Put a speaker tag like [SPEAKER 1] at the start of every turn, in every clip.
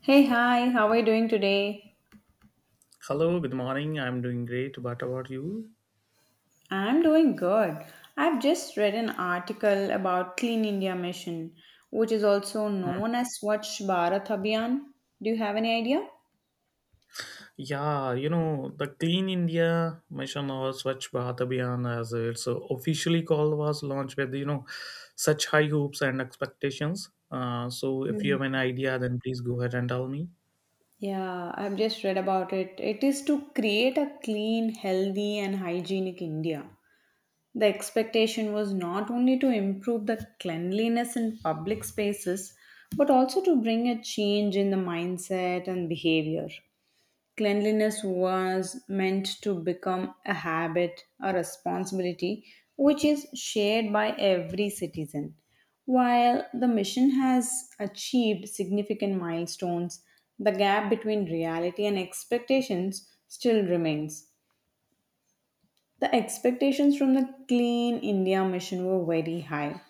[SPEAKER 1] Hey, hi, how are you doing today?
[SPEAKER 2] Hello, good morning. I'm doing great. What about you?
[SPEAKER 1] I'm doing good. I've just read an article about Clean India Mission, which is also
[SPEAKER 2] Mm.
[SPEAKER 1] known as Swachh Bharat Abhiyan. Do you have any idea?
[SPEAKER 2] Yeah, the Clean India Mission or Swachh Bharat Abhiyan, as it's officially called, was launched with, such high hopes and expectations. So if you have an idea, then please go ahead and tell me.
[SPEAKER 1] Yeah, I've just read about it. It is to create a clean, healthy, and hygienic India. The expectation was not only to improve the cleanliness in public spaces, but also to bring a change in the mindset and behavior. Cleanliness was meant to become a habit, a responsibility, which is shared by every citizen. While the mission has achieved significant milestones, the gap between reality and expectations still remains. The expectations from the Clean India mission were very high.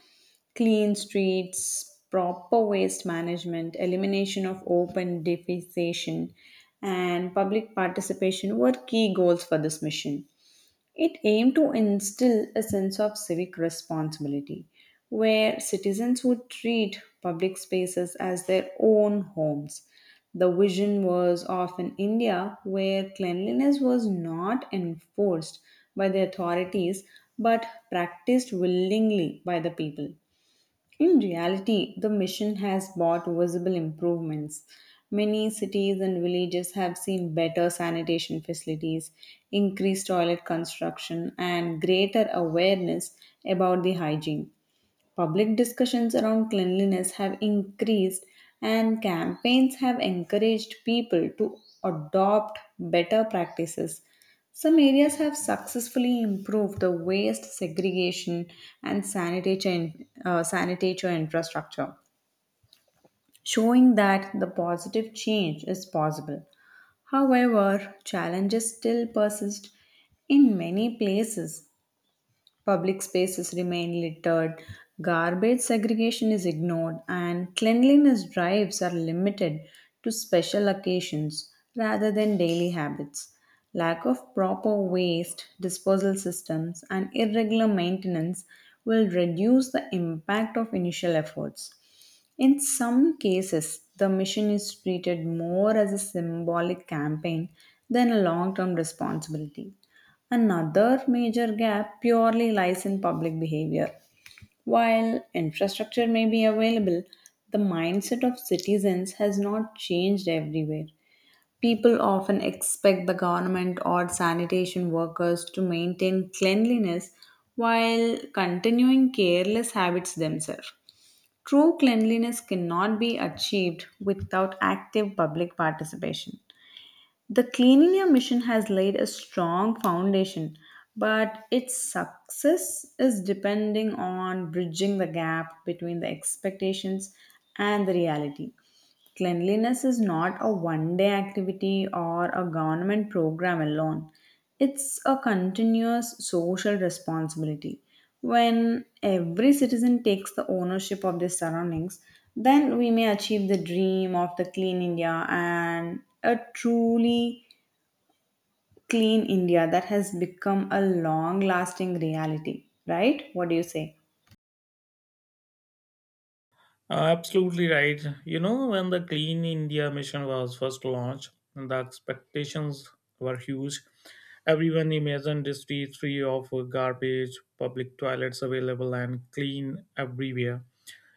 [SPEAKER 1] Clean streets, proper waste management, elimination of open defecation, and public participation were key goals for this mission. It aimed to instill a sense of civic responsibility where citizens would treat public spaces as their own homes. The vision was of an India where cleanliness was not enforced by the authorities but practiced willingly by the people. In reality, the mission has brought visible improvements. Many cities and villages have seen better sanitation facilities, increased toilet construction, and greater awareness about the hygiene. Public discussions around cleanliness have increased, and campaigns have encouraged people to adopt better practices. Some areas have successfully improved the waste segregation and sanitation, sanitation infrastructure, showing that the positive change is possible. However, challenges still persist in many places. Public spaces remain littered, garbage segregation is ignored, and cleanliness drives are limited to special occasions rather than daily habits. Lack of proper waste disposal systems and irregular maintenance will reduce the impact of initial efforts. In some cases, the mission is treated more as a symbolic campaign than a long term responsibility. Another major gap purely lies in public behavior. While infrastructure may be available, the mindset of citizens has not changed everywhere. People often expect the government or sanitation workers to maintain cleanliness while continuing careless habits themselves. True cleanliness cannot be achieved without active public participation. The Clean India Mission has laid a strong foundation, but its success is depending on bridging the gap between the expectations and the reality. Cleanliness is not a one day activity or a government program alone. It's a continuous social responsibility. When every citizen takes the ownership of their surroundings, then we may achieve the dream of the clean India, and a truly clean India that has become a long lasting reality, right? What do you say?
[SPEAKER 2] Absolutely right. You know, when the Clean India mission was first launched, the expectations were huge. Everyone imagined the streets free of garbage, public toilets available and clean everywhere,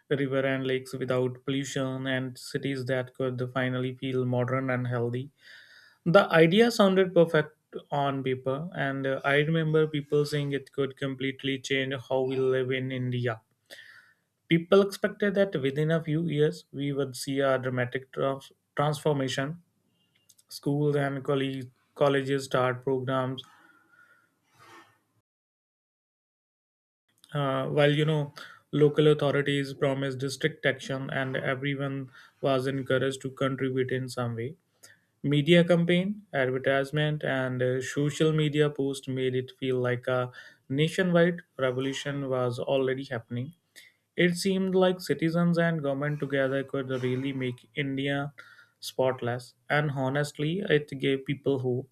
[SPEAKER 2] river and lakes without pollution, and cities that could finally feel modern and healthy. The idea sounded perfect on paper, and I remember people saying it could completely change how we live in India. People expected that within a few years we would see a dramatic transformation. Schools and colleges start programs, while local authorities promised strict action, and everyone was encouraged to contribute in some way. Media campaign, advertisement, and social media post made it feel like a nationwide revolution was already happening. It seemed like citizens and government together could really make India spotless, and honestly, it gave people hope.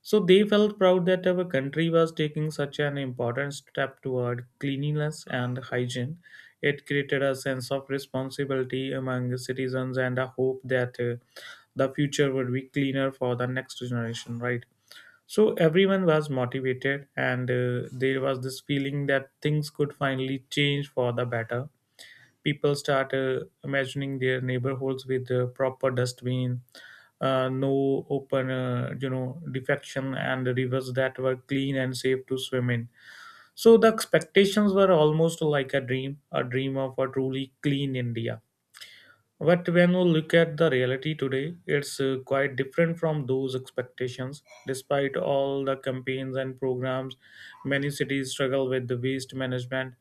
[SPEAKER 2] So they felt proud that our country was taking such an important step toward cleanliness and hygiene. It created a sense of responsibility among the citizens and a hope that the future would be cleaner for the next generation, right? So everyone was motivated, and there was this feeling that things could finally change for the better. People start imagining their neighborhoods with proper dustbin, no open defection, and rivers that were clean and safe to swim in. So the expectations were almost like a dream, a dream of a truly clean India. But when we look at the reality today, it's quite different from those expectations. Despite all the campaigns and programs, many cities struggle with the waste management.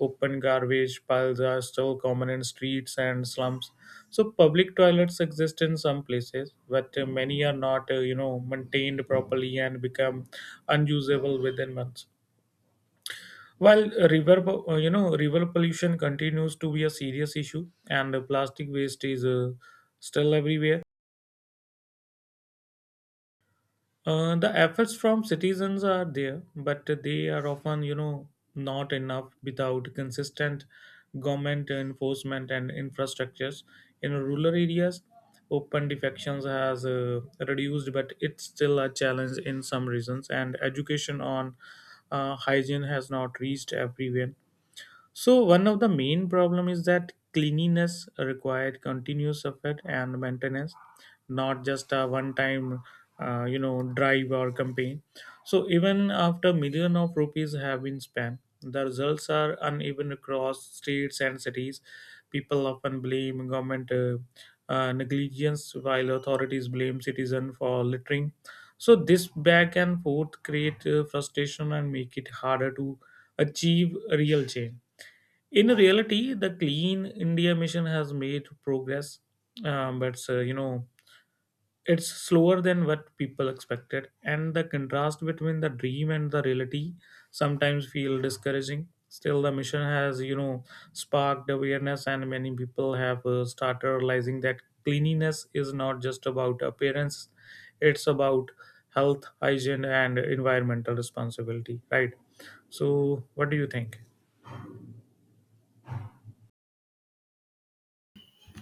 [SPEAKER 2] Open garbage piles are still common in streets and slums. So public toilets exist in some places, but many are not, maintained properly and become unusable within months. While river, river pollution continues to be a serious issue, and the plastic waste is still everywhere. The efforts from citizens are there, but they are often, not enough without consistent government enforcement and infrastructures. In rural areas, open defections has reduced, but it's still a challenge in some regions. And education on hygiene has not reached everywhere. So one of the main problem is that cleanliness required continuous effort and maintenance, not just a one-time, drive or campaign. So even after million of rupees have been spent, the results are uneven across states and cities. People often blame government negligence, while authorities blame citizen for littering. So this back and forth create frustration and make it harder to achieve real change. In reality, the Clean India mission has made progress, but it's slower than what people expected, and the contrast between the dream and the reality sometimes feel discouraging. Still, the mission has sparked awareness, and many people have started realizing that cleanliness is not just about appearance; it's about health, hygiene, and environmental responsibility. Right. So, what do you think?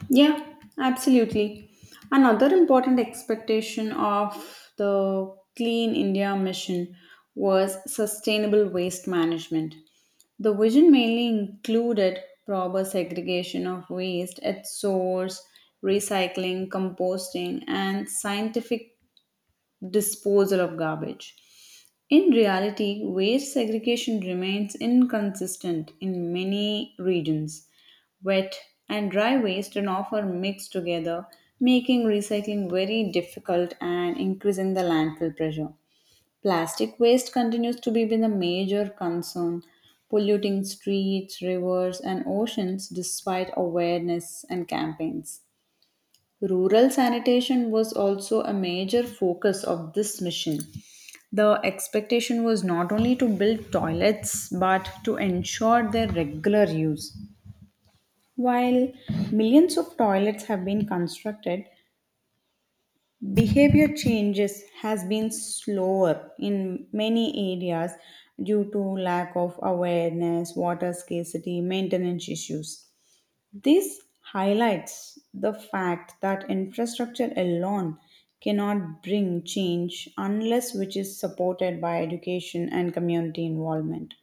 [SPEAKER 1] Yeah, absolutely. Another important expectation of the Clean India mission was sustainable waste management. The vision mainly included proper segregation of waste at source, recycling, composting, and scientific disposal of garbage. In reality, waste segregation remains inconsistent in many regions. Wet and dry waste are often mixed together, making recycling very difficult and increasing the landfill pressure. Plastic waste continues to be been a major concern, polluting streets, rivers, and oceans despite awareness and campaigns. Rural sanitation was also a major focus of this mission. The expectation was not only to build toilets but to ensure their regular use. While millions of toilets have been constructed, behavior changes has been slower in many areas due to lack of awareness, water scarcity, maintenance issues. This highlights the fact that infrastructure alone cannot bring change unless which is supported by education and community involvement.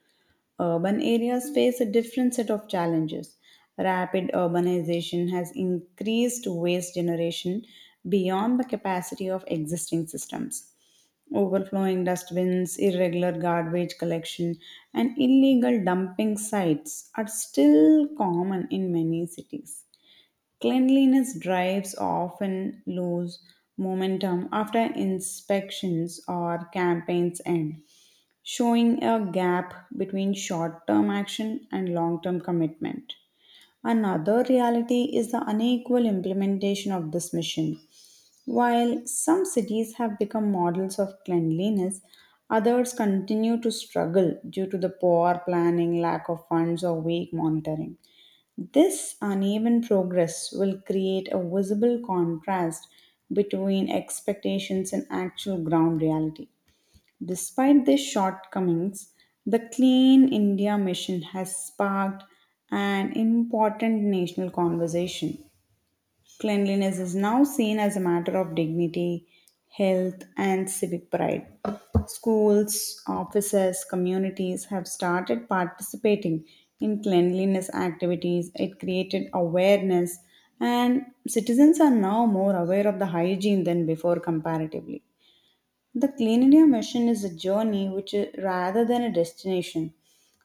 [SPEAKER 1] Urban areas face a different set of challenges. Rapid urbanization has increased waste generation beyond the capacity of existing systems. Overflowing dustbins, irregular garbage collection, and illegal dumping sites are still common in many cities. Cleanliness drives often lose momentum after inspections or campaigns end, showing a gap between short term action and long term commitment. Another reality is the unequal implementation of this mission. While some cities have become models of cleanliness, others continue to struggle due to the poor planning, lack of funds, or weak monitoring. This uneven progress will create a visible contrast between expectations and actual ground reality. Despite their shortcomings, the Clean India Mission has sparked an important national conversation. Cleanliness is now seen as a matter of dignity, health, and civic pride. Schools, offices, communities have started participating in cleanliness activities. It created awareness, and citizens are now more aware of the hygiene than before, comparatively. The Clean India mission is a journey which is, rather than a destination.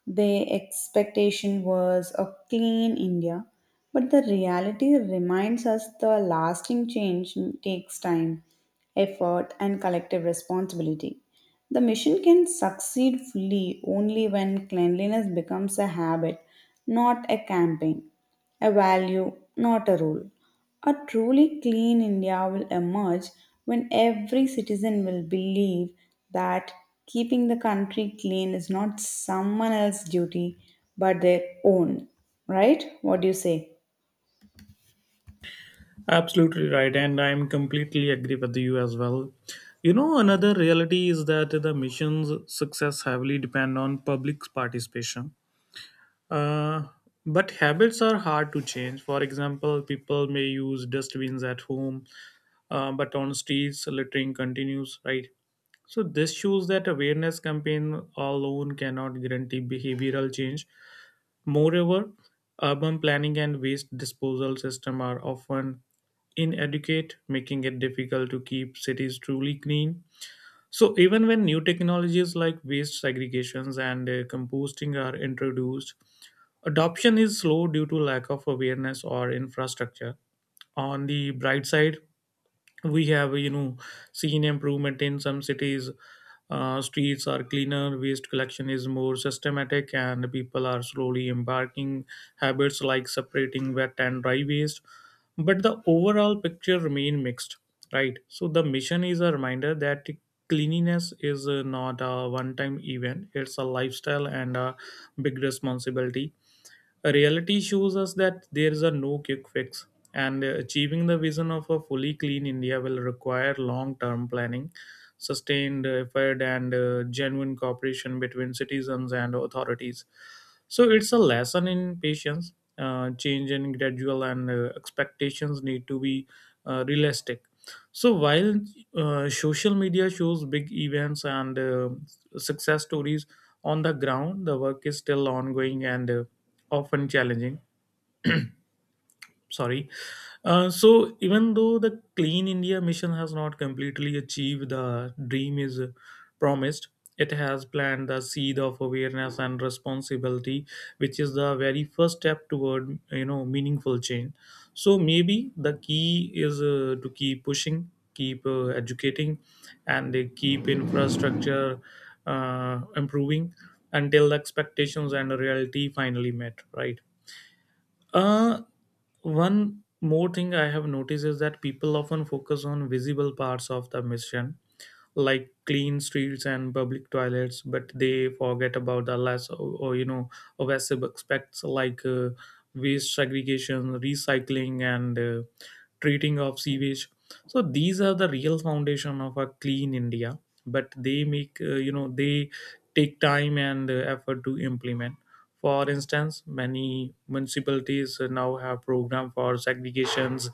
[SPEAKER 1] The expectation was a clean India, but the reality reminds us the lasting change takes time, effort, and collective responsibility. The mission can succeed fully only when cleanliness becomes a habit, not a campaign, a value, not a rule. A truly clean India will emerge when every citizen will believe that keeping the country clean is not someone else's duty but their own. Right? What do you say?
[SPEAKER 2] Absolutely right, and I'm completely agree with you as well. You know, another reality is that the mission's success heavily depend on public participation. Uh, but habits are hard to change. For example, people may use dustbins at home, but on streets, littering continues, right? So this shows that awareness campaign alone cannot guarantee behavioral change. Moreover, urban planning and waste disposal systems are often inadequate, making it difficult to keep cities truly clean. So, even when new technologies like waste segregations and composting are introduced, adoption is slow due to lack of awareness or infrastructure. On the bright side, we have seen improvement in some cities. Streets are cleaner, waste collection is more systematic, and people are slowly embarking habits like separating wet and dry waste, but the overall picture remain mixed, right? So the mission is a reminder that cleanliness is not a one time event, it's a lifestyle and a big responsibility. Reality shows us that there is a no quick fix, and achieving the vision of a fully clean India will require long term planning, sustained effort, and genuine cooperation between citizens and authorities. So, it's a lesson in patience, change in gradual, and expectations need to be realistic. So, while social media shows big events and success stories, on the ground, the work is still ongoing and often challenging, sorry. So even though the Clean India mission has not completely achieved the dream is promised, it has planted the seed of awareness and responsibility, which is the very first step toward meaningful change. So maybe the key is to keep pushing, keep educating, and keep infrastructure improving until the expectations and the reality finally met. Right. Uh, one more thing I have noticed is that people often focus on visible parts of the mission, like clean streets and public toilets, but they forget about the less or visible aspects like waste segregation, recycling, and treating of sewage. So these are the real foundation of a clean India, but they make they take time and effort to implement. For instance, many municipalities now have programs for segregations,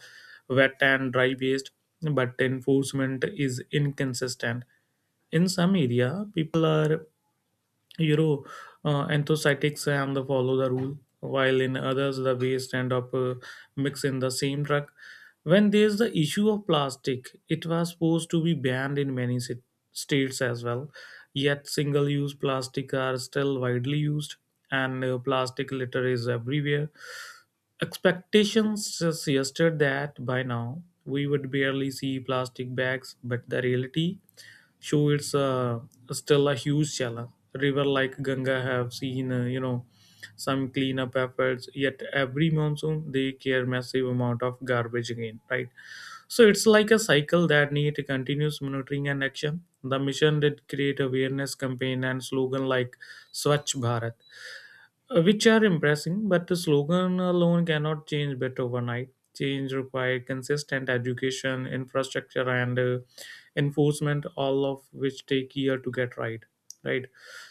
[SPEAKER 2] wet and dry waste, but enforcement is inconsistent. In some area, people are you Euro enthusiasts and the follow the rule, while in others the waste end up mixed in the same truck. When there's the issue of plastic, it was supposed to be banned in many states as well. Yet single-use plastic are still widely used, and plastic litter is everywhere. Expectations suggested that by now we would barely see plastic bags, but the reality show it's still a huge challenge. River like Ganga have seen some cleanup efforts, yet every monsoon they clear massive amount of garbage again, right? So it's like a cycle that need continuous monitoring and action. The mission did create awareness campaign and slogan like Swachh Bharat, which are impressive, but the slogan alone cannot change better overnight. Change required consistent education, infrastructure, and enforcement, all of which take year to get right. Right.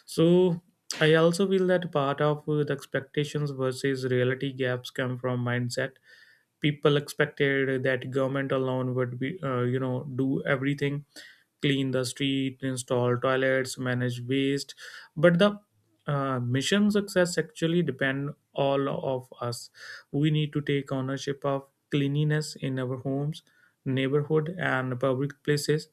[SPEAKER 2] So I also feel that part of the expectations versus reality gaps come from mindset. People expected that government alone would be, do everything, clean the street, install toilets, manage waste. But the mission success actually depend all of us. We need to take ownership of cleanliness in our homes, neighborhood, and public places,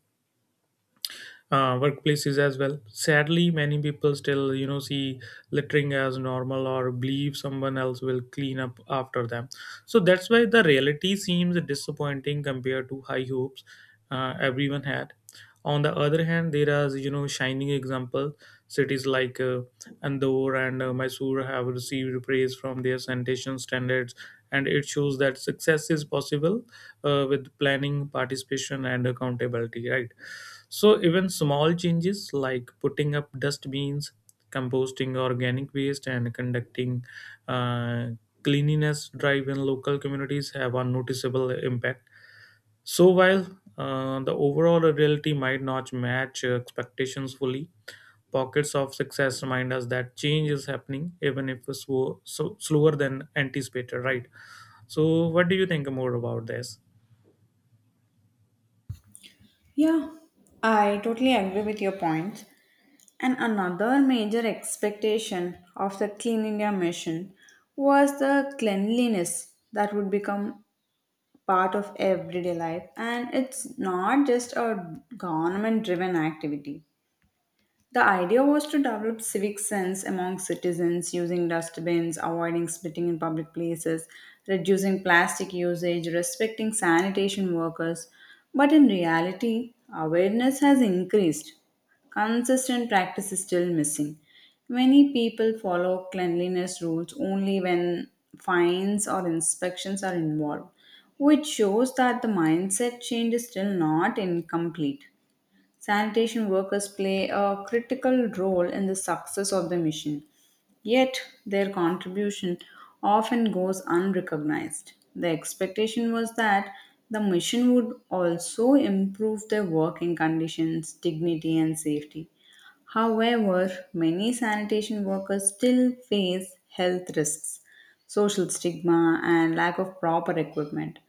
[SPEAKER 2] workplaces as well. Sadly, many people still, see littering as normal or believe someone else will clean up after them. So that's why the reality seems disappointing compared to high hopes everyone had. On the other hand, there are, shining example. Cities like Andorra and Mysore have received praise from their sanitation standards, and it shows that success is possible with planning, participation, and accountability. Right. So even small changes like putting up dustbins, composting organic waste, and conducting uh, cleanliness drive in local communities have a noticeable impact. So while the overall reality might not match expectations fully, pockets of success remind us that change is happening, even if it's slow, so slower than anticipated. Right. So what do you think more about this?
[SPEAKER 1] Yeah, I totally agree with your point. And another major expectation of the Clean India mission was the cleanliness that would become part of everyday life and it's not just a government driven activity. The idea was to develop civic sense among citizens using dustbins, avoiding spitting in public places, reducing plastic usage, respecting sanitation workers. But in reality, awareness has increased. Consistent practice is still missing. Many people follow cleanliness rules only when fines or inspections are involved, which shows that the mindset change is still not incomplete. Sanitation workers play a critical role in the success of the mission, yet, their contribution often goes unrecognized. The expectation was that the mission would also improve their working conditions, dignity, and safety. However, many sanitation workers still face health risks, social stigma, and lack of proper equipment.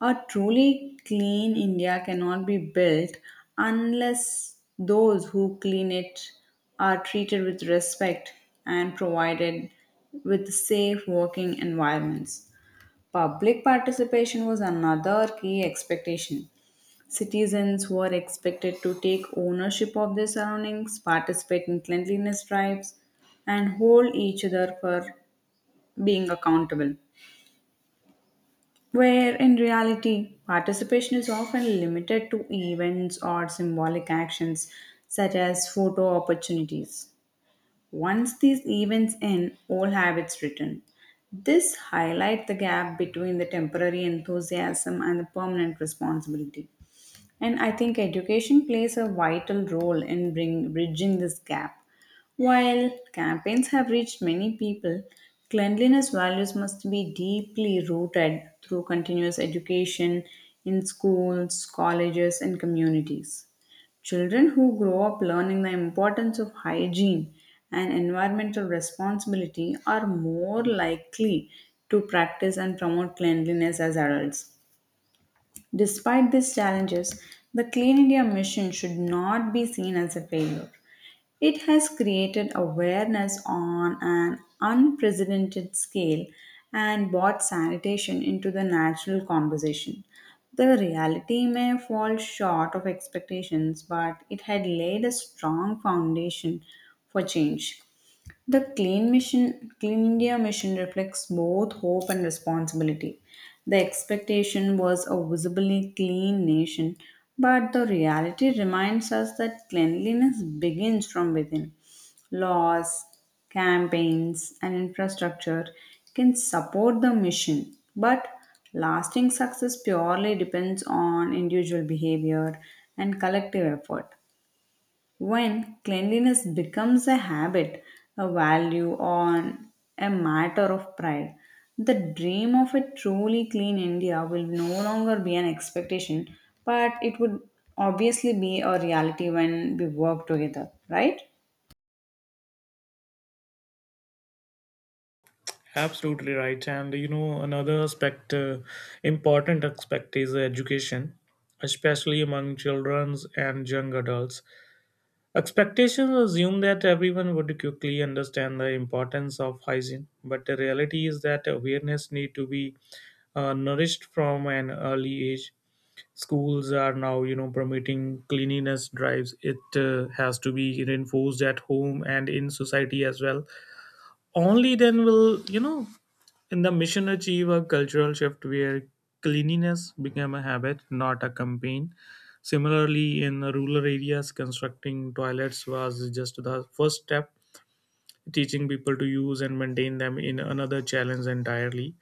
[SPEAKER 1] A truly clean India cannot be built unless those who clean it are treated with respect and provided with safe working environments. Public participation was another key expectation. Citizens were expected to take ownership of their surroundings, participate in cleanliness drives, and hold each other for being accountable, where in reality participation is often limited to events or symbolic actions such as photo opportunities. Once these events end, old habits return. This highlights the gap between the temporary enthusiasm and the permanent responsibility. And I think education plays a vital role in bridging this gap. While campaigns have reached many people, cleanliness values must be deeply rooted through continuous education in schools, colleges, and communities. Children who grow up learning the importance of hygiene and environmental responsibility are more likely to practice and promote cleanliness as adults. Despite these challenges, the Clean India mission should not be seen as a failure. It has created awareness on an unprecedented scale and brought sanitation into the national conversation. The reality may fall short of expectations, but it had laid a strong foundation for change. The Clean India Mission reflects both hope and responsibility. The expectation was a visibly clean nation, but the reality reminds us that cleanliness begins from within. Laws, campaigns, and infrastructure can support the mission, but lasting success purely depends on individual behavior and collective effort. When cleanliness becomes a habit, a value, or a matter of pride, the dream of a truly clean India will no longer be an expectation, but it would obviously be a reality when we work together, right?
[SPEAKER 2] Absolutely right. And you know, another aspect, important aspect is education, especially among children and young adults. Expectations assume that everyone would quickly understand the importance of hygiene, but the reality is that awareness need to be nourished from an early age. Schools are now, promoting cleanliness drives. It has to be reinforced at home and in society as well. Only then will you know and the mission achieved a cultural shift where cleanliness became a habit, not a campaign. Similarly, in rural areas, constructing toilets was just the first step, teaching people to use and maintain them in another challenge entirely.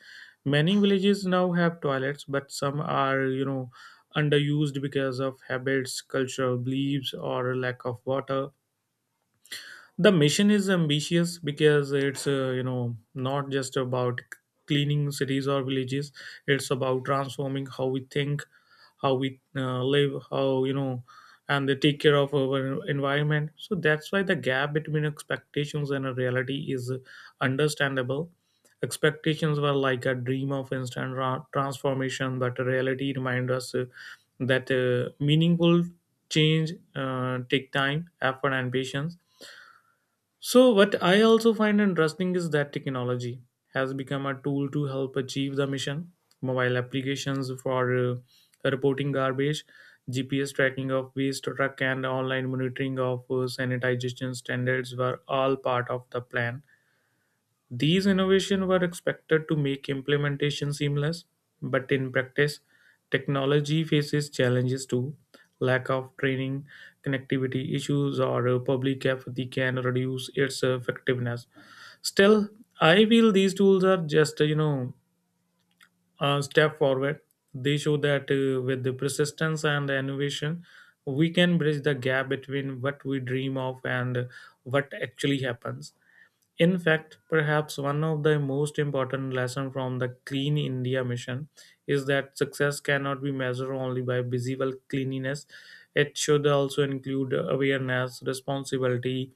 [SPEAKER 2] Many villages now have toilets, but some are, underused because of habits, cultural beliefs, or lack of water. The mission is ambitious because it's not just about cleaning cities or villages. It's about transforming how we think, how we live how you know and they take care of our environment. So that's why the gap between expectations and reality is understandable. Expectations were like a dream of instant transformation, but reality reminds us that meaningful change take time, effort, and patience. So, what I also find interesting is that technology has become a tool to help achieve the mission. Mobile applications for reporting garbage, GPS tracking of waste truck, and online monitoring of sanitization standards were all part of the plan. These innovations were expected to make implementation seamless, but in practice, technology faces challenges too. Lack of training, connectivity issues, or public apathy can reduce its effectiveness. Still, I feel these tools are just a step forward. They show that with the persistence and innovation, we can bridge the gap between what we dream of and what actually happens. In fact, perhaps one of the most important lessons from the Clean India mission is that success cannot be measured only by visible cleanliness. It should also include awareness, responsibility,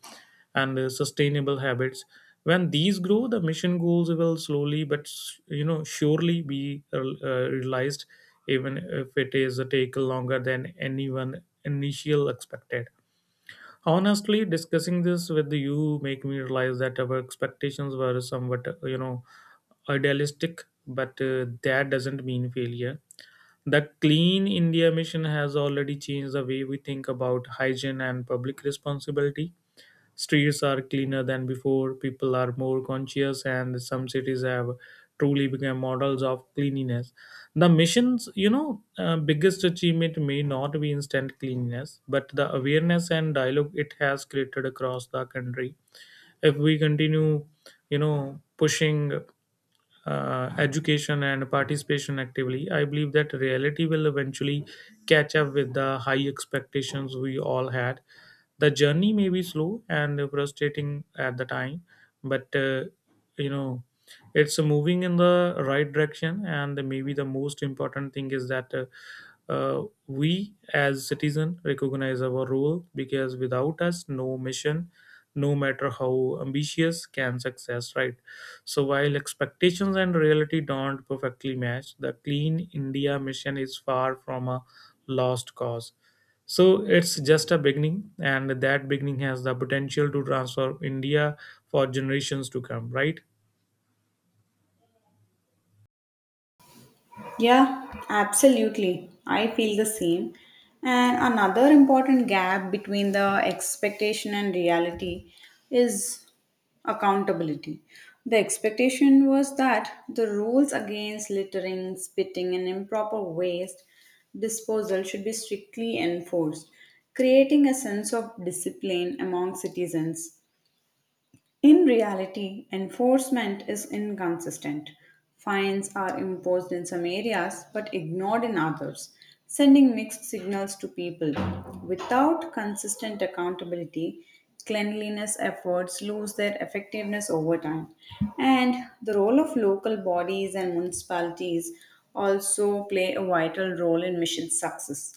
[SPEAKER 2] and sustainable habits. When these grow, the mission goals will slowly but surely be realized, even if it is take longer than anyone initial expected. Honestly, discussing this with you make me realize that our expectations were somewhat idealistic, but that doesn't mean failure. The Clean India mission has already changed the way we think about hygiene and public responsibility. Streets are cleaner than before, people are more conscious, and some cities have truly become models of cleanliness. The mission's, biggest achievement may not be instant cleanliness, but the awareness and dialogue it has created across the country. If we continue, pushing education and participation actively, I believe that reality will eventually catch up with the high expectations we all had. The journey may be slow and frustrating at the time, but you know, it's moving in the right direction. And maybe the most important thing is that we as citizen recognize our role, because without us, no mission, no matter how ambitious, can success, right? So while expectations and reality don't perfectly match, the Clean India mission is far from a lost cause. So it's just a beginning, and that beginning has the potential to transform India for generations to come, right?
[SPEAKER 1] Yeah, absolutely. I feel the same. And another important gap between the expectation and reality is accountability. The expectation was that the rules against littering, spitting, and improper waste disposal should be strictly enforced, creating a sense of discipline among citizens. In reality, enforcement is inconsistent. Fines are imposed in some areas but ignored in others, sending mixed signals to people. Without consistent accountability, cleanliness efforts lose their effectiveness over time. And the role of local bodies and municipalities also play a vital role in mission success.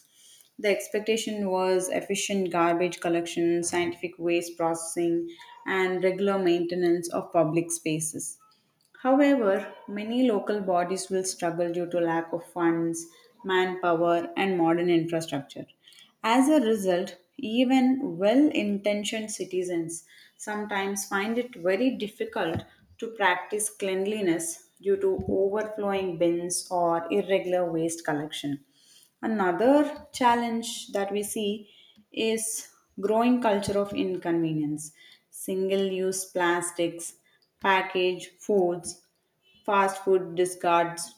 [SPEAKER 1] The expectation was efficient garbage collection, scientific waste processing, and regular maintenance of public spaces. However, many local bodies will struggle due to lack of funds, manpower, and modern infrastructure. As a result, even well intentioned citizens sometimes find it very difficult to practice cleanliness due to overflowing bins or irregular waste collection. Another challenge that we see is growing culture of inconvenience. Single use plastics, packaged foods, fast food discards,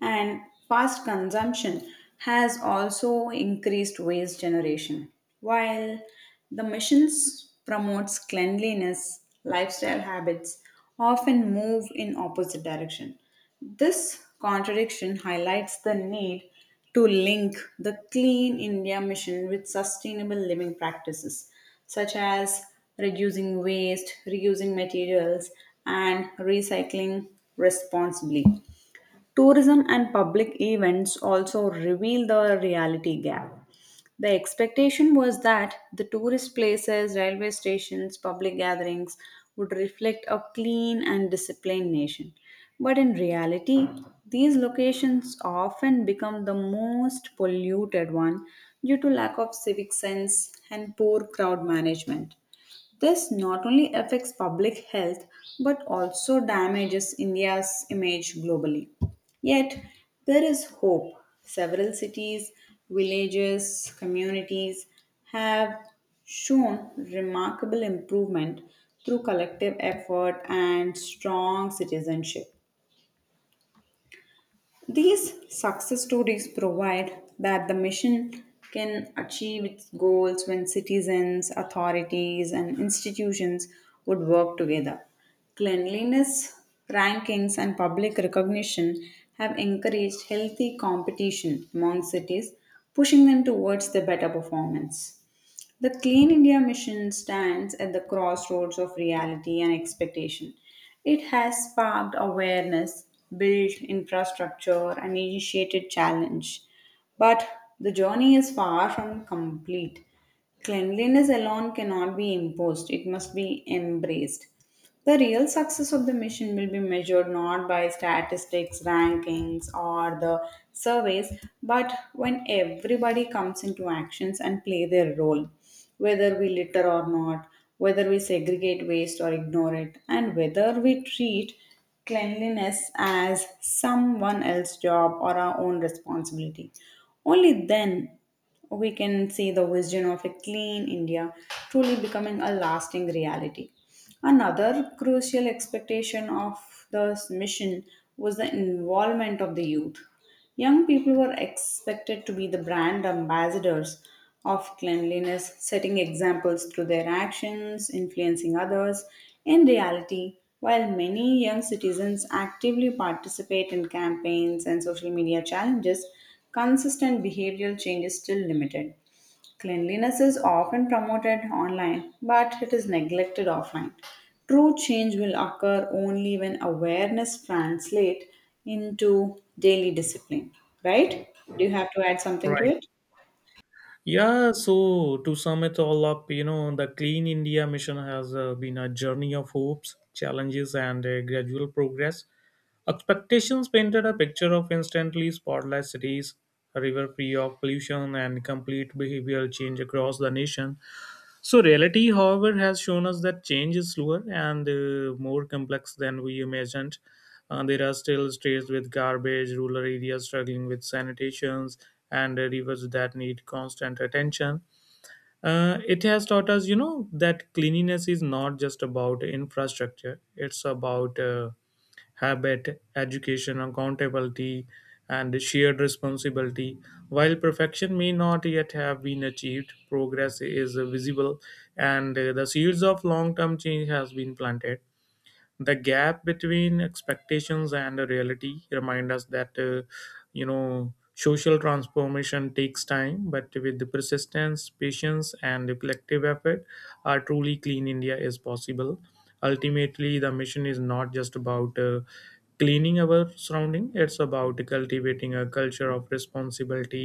[SPEAKER 1] and fast consumption has also increased waste generation. While the missions promotes cleanliness, lifestyle habits often move in opposite direction. This contradiction highlights the need to link the Clean India mission with sustainable living practices such as reducing waste, reusing materials, and recycling responsibly. Tourism and public events also reveal the reality gap. The expectation was that the tourist places, railway stations, public gatherings would reflect a clean and disciplined nation. But in reality, these locations often become the most polluted one due to lack of civic sense and poor crowd management. This not only affects public health but also damages India's image globally. Yet, there is hope. Several cities, villages, communities have shown remarkable improvement through collective effort and strong citizenship. These success stories provide that the mission can achieve its goals when citizens, authorities, and institutions would work together. Cleanliness rankings and public recognition have encouraged healthy competition among cities, pushing them towards the better performance. The Clean India Mission stands at the crossroads of reality and expectation. It has sparked awareness, built infrastructure, and initiated challenge. But the journey is far from complete. Cleanliness alone cannot be imposed, it must be embraced. The real success of the mission will be measured not by statistics, rankings, or the surveys, but when everybody comes into actions and play their role, whether we litter or not, whether we segregate waste or ignore it, and whether we treat cleanliness as someone else's job or our own responsibility. Only then we can see the vision of a clean India truly becoming a lasting reality. Another crucial expectation of this mission was the involvement of the youth. Young people were expected to be the brand ambassadors of cleanliness, setting examples through their actions, influencing others. In reality, while many young citizens actively participate in campaigns and social media challenges, consistent behavioral change is still limited. Cleanliness is often promoted online, but it is neglected offline. True change will occur only when awareness translates into daily discipline, right? Do you have to add something to
[SPEAKER 2] Right.
[SPEAKER 1] it?
[SPEAKER 2] Yeah, so to sum it all up, the Clean India mission has been a journey of hopes, challenges, and gradual progress. Expectations painted a picture of instantly spotless cities, a river free of pollution, and complete behavioral change across the nation. So, reality, however, has shown us that change is slower and more complex than we imagined. There are still streets with garbage, rural areas struggling with sanitations, and rivers that need constant attention. It has taught us, that cleanliness is not just about infrastructure; it's about habit, education, accountability, and shared responsibility. While perfection may not yet have been achieved, progress is visible and the seeds of long term change has been planted. The gap between expectations and the reality remind us that social transformation takes time, but with the persistence, patience, and the collective effort, a truly clean India is possible. Ultimately, the mission is not just about cleaning our surrounding, it's about cultivating a culture of responsibility,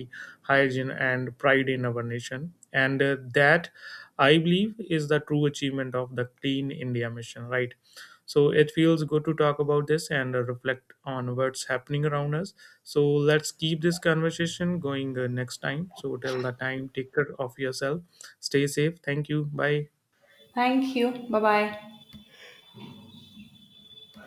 [SPEAKER 2] hygiene, and pride in our nation. And that, I believe, is the true achievement of the Clean India mission, right? So it feels good to talk about this and reflect on what's happening around us. So let's keep this conversation going next time. So till that time, take care of yourself. Stay safe. Thank you. Bye.
[SPEAKER 1] Thank you. Bye bye.